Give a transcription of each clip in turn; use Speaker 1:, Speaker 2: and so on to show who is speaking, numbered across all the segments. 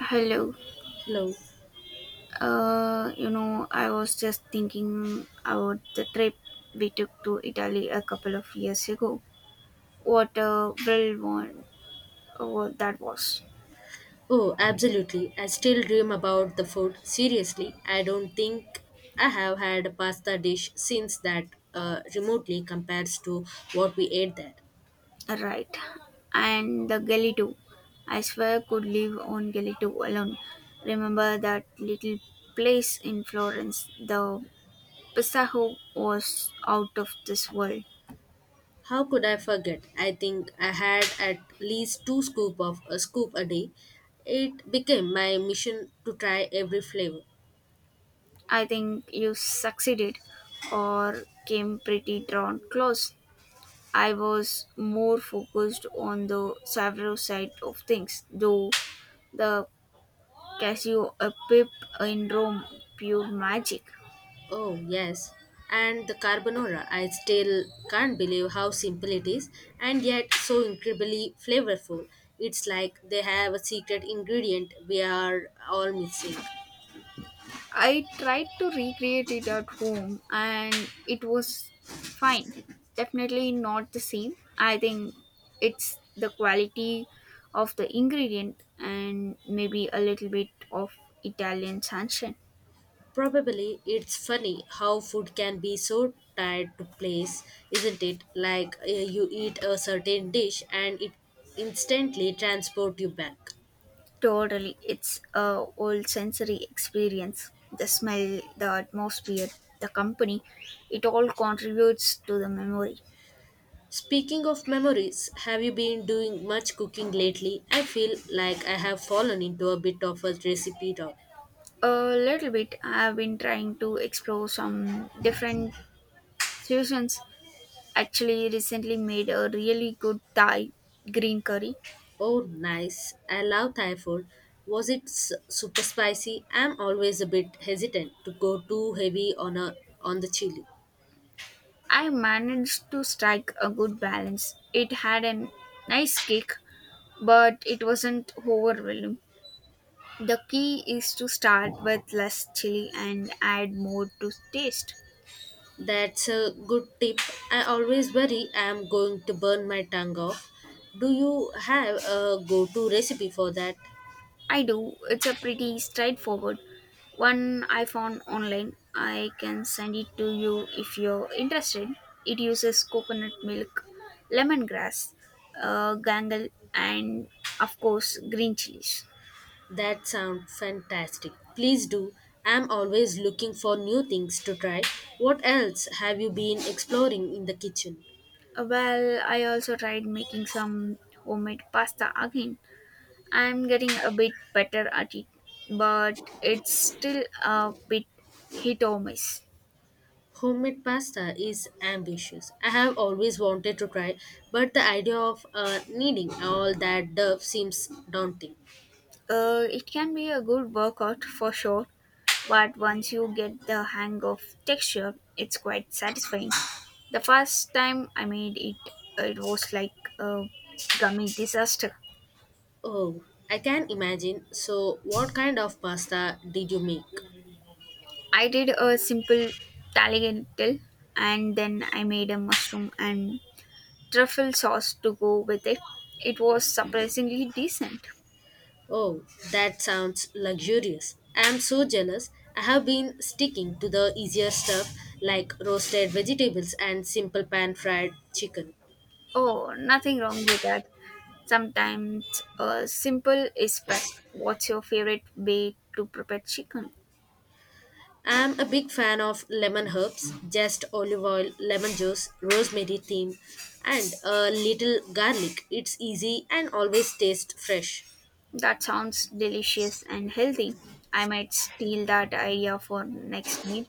Speaker 1: Hello.
Speaker 2: Hello.
Speaker 1: I was just thinking about the trip we took to Italy a couple of years ago. What a thrill one oh, that was.
Speaker 2: Oh, absolutely. I still dream about the food. Seriously, I don't think I have had a pasta dish since that remotely compares to what we ate there.
Speaker 1: Right. And the Galito. I swear I could live on Galito alone. Remember that little place in Florence? The Pisaho was out of this world.
Speaker 2: How could I forget? I think I had at least two scoop of a scoop a day. It became my mission to try every flavor.
Speaker 1: I think you succeeded or came pretty drawn close. I was more focused on the several side of things, though the Cassiopeia in Rome pure magic.
Speaker 2: Oh, yes. And the carbonara. I still can't believe how simple it is and yet so incredibly flavorful. It's like they have a secret ingredient we are all missing.
Speaker 1: I tried to recreate it at home and it was fine. Definitely not the same. I think it's the quality of the ingredient and maybe a little bit of Italian sunshine.
Speaker 2: Probably it's funny how food can be so tied to place, isn't it? Like you eat a certain dish and it instantly transport you back.
Speaker 1: Totally, it's a whole sensory experience. The smell, the atmosphere, the company, it all contributes to the memory.
Speaker 2: Speaking of memories, have you been doing much cooking lately? I feel like I have fallen into a bit of a recipe drought.
Speaker 1: A little bit. I've been trying to explore some different fusions. Actually, recently made a really good Thai green curry.
Speaker 2: Oh, nice. I love Thai food. Was it super spicy? I'm always a bit hesitant to go too heavy on a on the chili.
Speaker 1: I managed to strike a good balance. It had a nice kick, but it wasn't overwhelming. The key is to start with less chili and add more to taste.
Speaker 2: That's a good tip. I always worry I am going to burn my tongue off. Do you have a go-to recipe for that?
Speaker 1: I do. It's a pretty straightforward one I found online. I can send it to you if you're interested. It uses coconut milk, lemongrass, gangal, and of course green chilies.
Speaker 2: That sounds fantastic. Please do. I'm always looking for new things to try. What else have you been exploring in the kitchen?
Speaker 1: Well, I also tried making some homemade pasta again. I'm getting a bit better at it, but it's still a bit hit or miss.
Speaker 2: Homemade pasta is ambitious. I have always wanted to try, but the idea of needing all that dough seems daunting.
Speaker 1: It can be a good workout for sure, but once you get the hang of texture, it's quite satisfying. The first time I made it, it was like a gummy disaster.
Speaker 2: Oh, I can imagine. So, what kind of pasta did you make?
Speaker 1: I did a simple tagliatelle and then I made a mushroom and truffle sauce to go with it. It was surprisingly decent.
Speaker 2: Oh, that sounds luxurious. I am so jealous. I have been sticking to the easier stuff like roasted vegetables and simple pan fried chicken.
Speaker 1: Oh, nothing wrong with that. Sometimes simple is best. What's your favorite way to prepare chicken?
Speaker 2: I am a big fan of lemon herbs, just olive oil, lemon juice, rosemary thyme, and a little garlic. It's easy and always tastes fresh.
Speaker 1: That sounds delicious and healthy. I might steal that idea for next meal.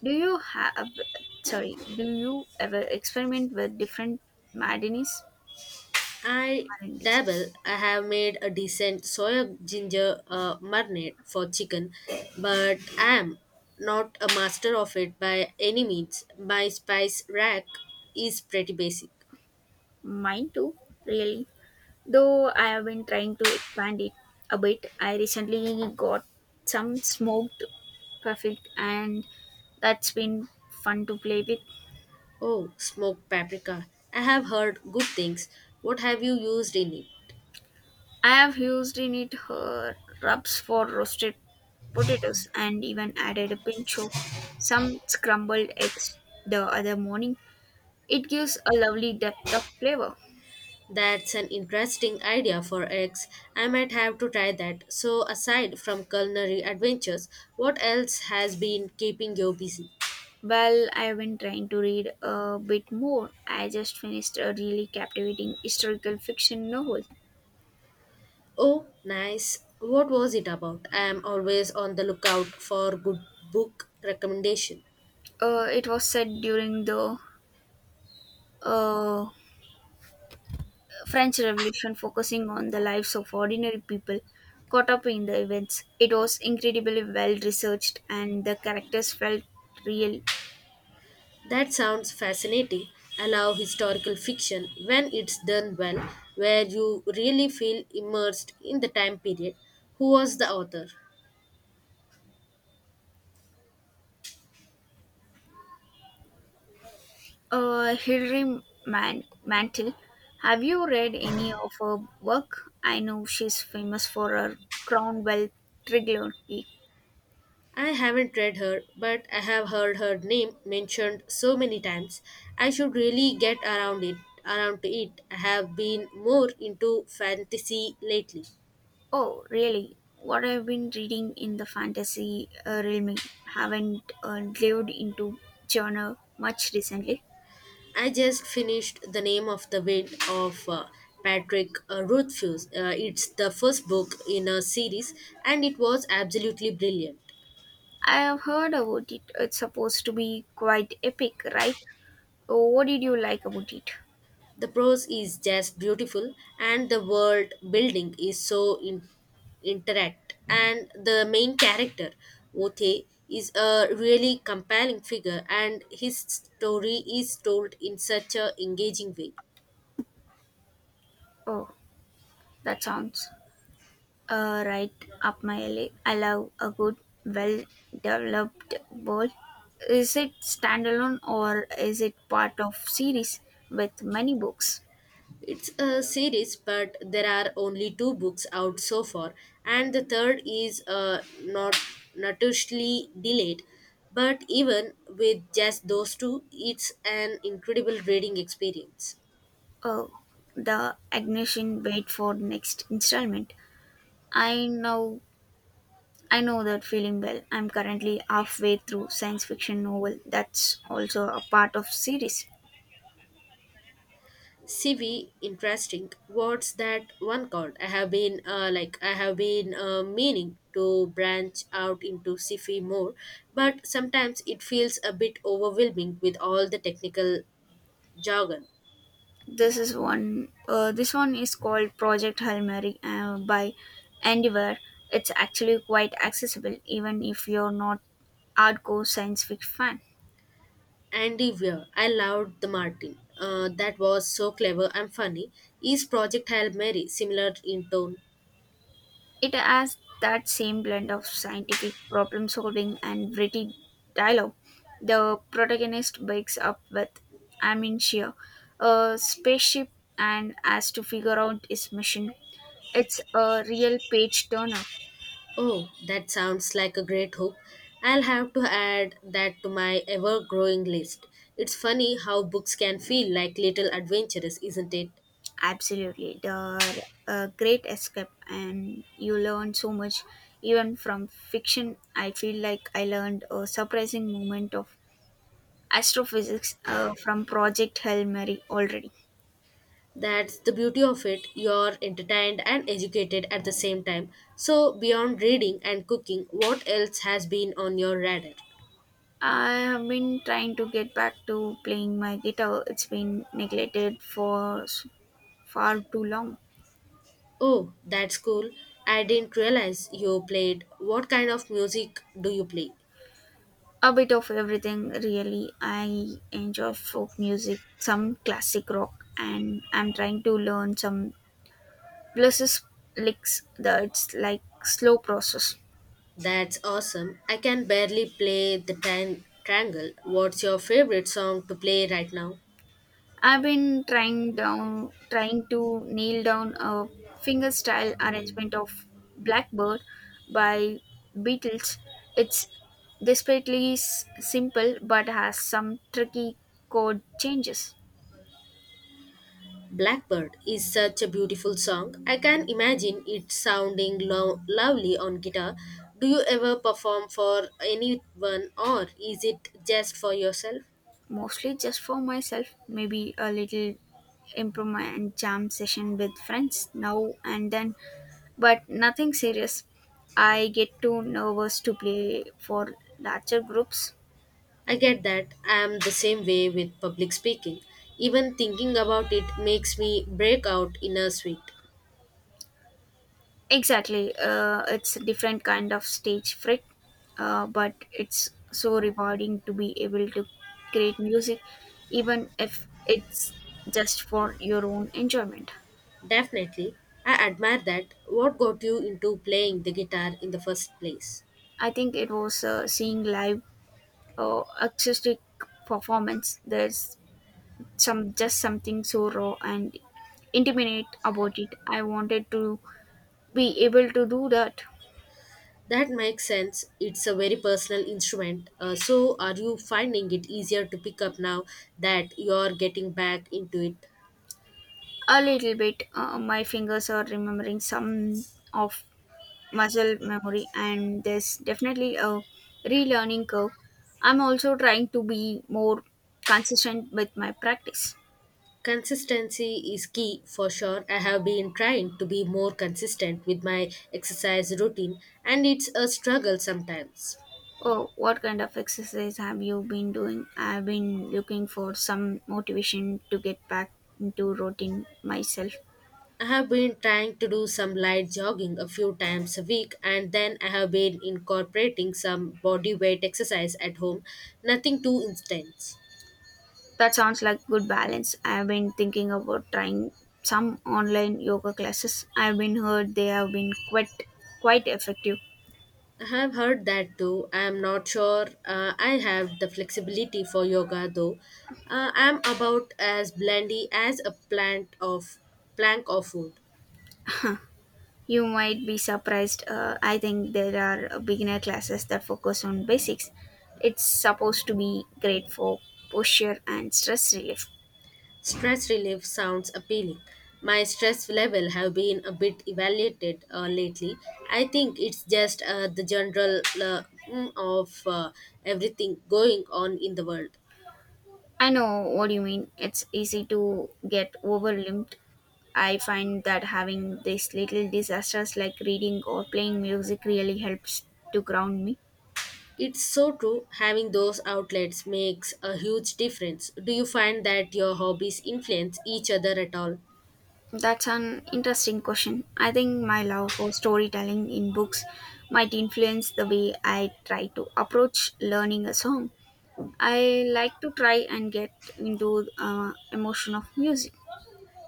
Speaker 1: Do you have, sorry, do you ever experiment with different marinis?
Speaker 2: I
Speaker 1: Marinis.
Speaker 2: dabble. I have made a decent soy ginger marinade for chicken, but I am not a master of it by any means. My spice rack is pretty basic.
Speaker 1: Mine too, really. Though I have been trying to expand it a bit, I recently got some smoked perfect and that's been fun to play with.
Speaker 2: Oh, smoked paprika. I have heard good things. What have you used in it?
Speaker 1: I have used in it her rubs for roasted potatoes and even added a pinch of some scrambled eggs the other morning. It gives a lovely depth of flavor.
Speaker 2: That's an interesting idea for eggs. I might have to try that. So, aside from culinary adventures, what else has been keeping you busy?
Speaker 1: Well, I've been trying to read a bit more. I just finished a really captivating historical fiction novel.
Speaker 2: Oh, nice. What was it about? I am always on the lookout for good book recommendation.
Speaker 1: It was set during the uh, French Revolution, focusing on the lives of ordinary people caught up in the events. It was incredibly well researched, and the characters felt real.
Speaker 2: That sounds fascinating. I love historical fiction when it's done well, where you really feel immersed in the time period. Who was the author?
Speaker 1: Hilary Mantel, have you read any of her work? I know she's famous for her Cromwell trilogy.
Speaker 2: I haven't read her, but I have heard her name mentioned so many times. I should really get around to it. I have been more into fantasy lately.
Speaker 1: Oh, really? What I've been reading in the fantasy realm, haven't delved into genre much recently.
Speaker 2: I just finished The Name of the Wind of Patrick Rothfuss. It's the first book in a series and it was absolutely brilliant.
Speaker 1: I have heard about it. It's supposed to be quite epic, right? Oh, what did you like about it?
Speaker 2: The prose is just beautiful and the world building is so interact and the main character Othe is a really compelling figure and his story is told in such a engaging way.
Speaker 1: Oh, that sounds right up my alley. I love a good, well-developed world. Is it standalone or is it part of series with many books?
Speaker 2: It's a series, but there are only two books out so far, and the third is not notoriously delayed. But even with just those two, it's an incredible reading experience.
Speaker 1: Oh, the Agnesian wait for next installment. I know I know that feeling well. I'm currently halfway through science fiction novel that's also a part of series.
Speaker 2: CV, interesting. What's that one called? I have been meaning to branch out into CV more, but sometimes it feels a bit overwhelming with all the technical jargon.
Speaker 1: This one is called Project Hail Mary by Andiver. It's actually quite accessible even if you're not hardcore science fiction fan.
Speaker 2: Andy Weir, I loved the Martin. That was so clever and funny. Each project Hail Mary, similar in tone.
Speaker 1: It has that same blend of scientific problem solving and witty dialogue. The protagonist wakes up with amnesia, a spaceship, and has to figure out his mission. It's a real page turner.
Speaker 2: Oh, that sounds like a great hook. I'll have to add that to my ever growing list. It's funny how books can feel like little adventures, isn't it?
Speaker 1: Absolutely. The great escape, and you learn so much even from fiction. I feel like I learned a surprising moment of astrophysics from Project Hail Mary already.
Speaker 2: That's the beauty of it. You're entertained and educated at the same time. So, beyond reading and cooking, what else has been on your radar?
Speaker 1: I have been trying to get back to playing my guitar. It's been neglected for far too long.
Speaker 2: Oh, that's cool. I didn't realize you played. What kind of music do you play?
Speaker 1: A bit of everything, really. I enjoy folk music, some classic rock, and I'm trying to learn some blues licks. That's like slow process.
Speaker 2: That's awesome. I can barely play the triangle. What's your favorite song to play right now?
Speaker 1: I've been trying to nail down a fingerstyle arrangement of Blackbird by Beatles. It's desperately simple but has some tricky chord changes.
Speaker 2: Blackbird is such a beautiful song. I can imagine it sounding lovely on guitar. Do you ever perform for anyone or is it just for yourself?
Speaker 1: Mostly just for myself, maybe a little improvement and jam session with friends now and then, but nothing serious. I get too nervous to play for larger groups.
Speaker 2: I get that. I am the same way with public speaking. Even thinking about it makes me break out in a sweat.
Speaker 1: Exactly. It's a different kind of stage fright, but it's so rewarding to be able to create music, even if it's just for your own enjoyment.
Speaker 2: Definitely. I admire that. What got you into playing the guitar in the first place?
Speaker 1: I think it was seeing live acoustic performance. There's some just something so raw and intimate about it. I wanted to be able to do that.
Speaker 2: That makes sense. It's a very personal instrument. So, are you finding it easier to pick up now that you're getting back into it?
Speaker 1: A little bit. My fingers are remembering some of muscle memory and there's definitely a relearning curve. I'm also trying to be more consistent with my practice.
Speaker 2: Consistency is key for sure. I have been trying to be more consistent with my exercise routine, and it's a struggle sometimes.
Speaker 1: Oh, what kind of exercise have you been doing? I've been looking for some motivation to get back into routine myself.
Speaker 2: I have been trying to do some light jogging a few times a week, and then I have been incorporating some body weight exercise at home. Nothing too intense.
Speaker 1: That sounds like good balance. I've been thinking about trying some online yoga classes. I've been heard they have been quite effective.
Speaker 2: I have heard that too. I am not sure I have the flexibility for yoga though. I am about as blendy as a plant of plank of wood.
Speaker 1: You might be surprised. I think there are beginner classes that focus on basics. It's supposed to be great for posture and stress relief.
Speaker 2: Stress relief sounds appealing. My stress level have been a bit evaluated lately. I think it's just the general mm, of everything going on in the world.
Speaker 1: I know what you mean. It's easy to get overwhelmed. I find that having these little disasters like reading or playing music really helps to ground me.
Speaker 2: It's so true. Having those outlets makes a huge difference. Do you find that your hobbies influence each other at all?
Speaker 1: That's an interesting question. I think my love for storytelling in books might influence the way I try to approach learning a song. I like to try and get into emotion of music.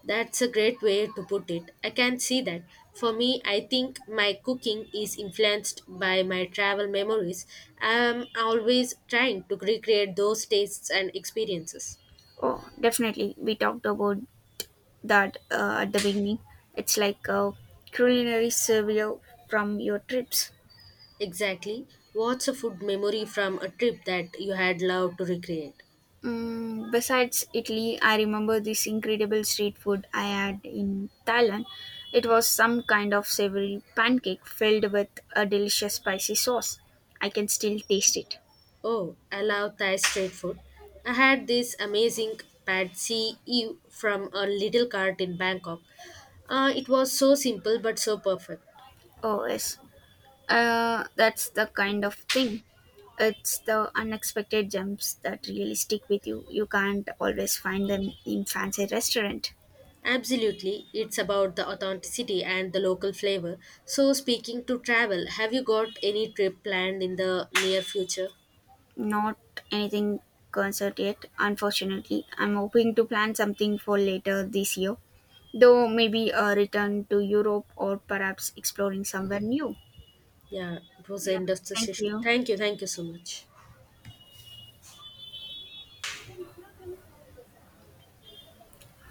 Speaker 2: That's a great way to put it. I can see that. For me, I think my cooking is influenced by my travel memories. I'm always trying to recreate those tastes and experiences.
Speaker 1: Oh, definitely. We talked about that at the beginning. It's like a culinary survey from your trips.
Speaker 2: Exactly. What's a food memory from a trip that you had loved to recreate?
Speaker 1: Mm, besides Italy, I remember this incredible street food I had in Thailand. It was some kind of savory pancake filled with a delicious spicy sauce. I can still taste it.
Speaker 2: Oh, I love Thai street food. I had this amazing pad see ew from a little cart in Bangkok. It was so simple but so perfect.
Speaker 1: Oh, yes. That's the kind of thing. It's the unexpected gems that really stick with you. You can't always find them in fancy restaurant.
Speaker 2: Absolutely, it's about the authenticity and the local flavor. So, speaking to travel, have you got any trip planned in the near future?
Speaker 1: Not anything concert yet, unfortunately. I'm hoping to plan something for later this year, though maybe a return to Europe or perhaps exploring somewhere new.
Speaker 2: Yeah, it was the
Speaker 1: Yeah,
Speaker 2: end of the
Speaker 1: thank
Speaker 2: session.
Speaker 1: you.
Speaker 2: Thank you so much.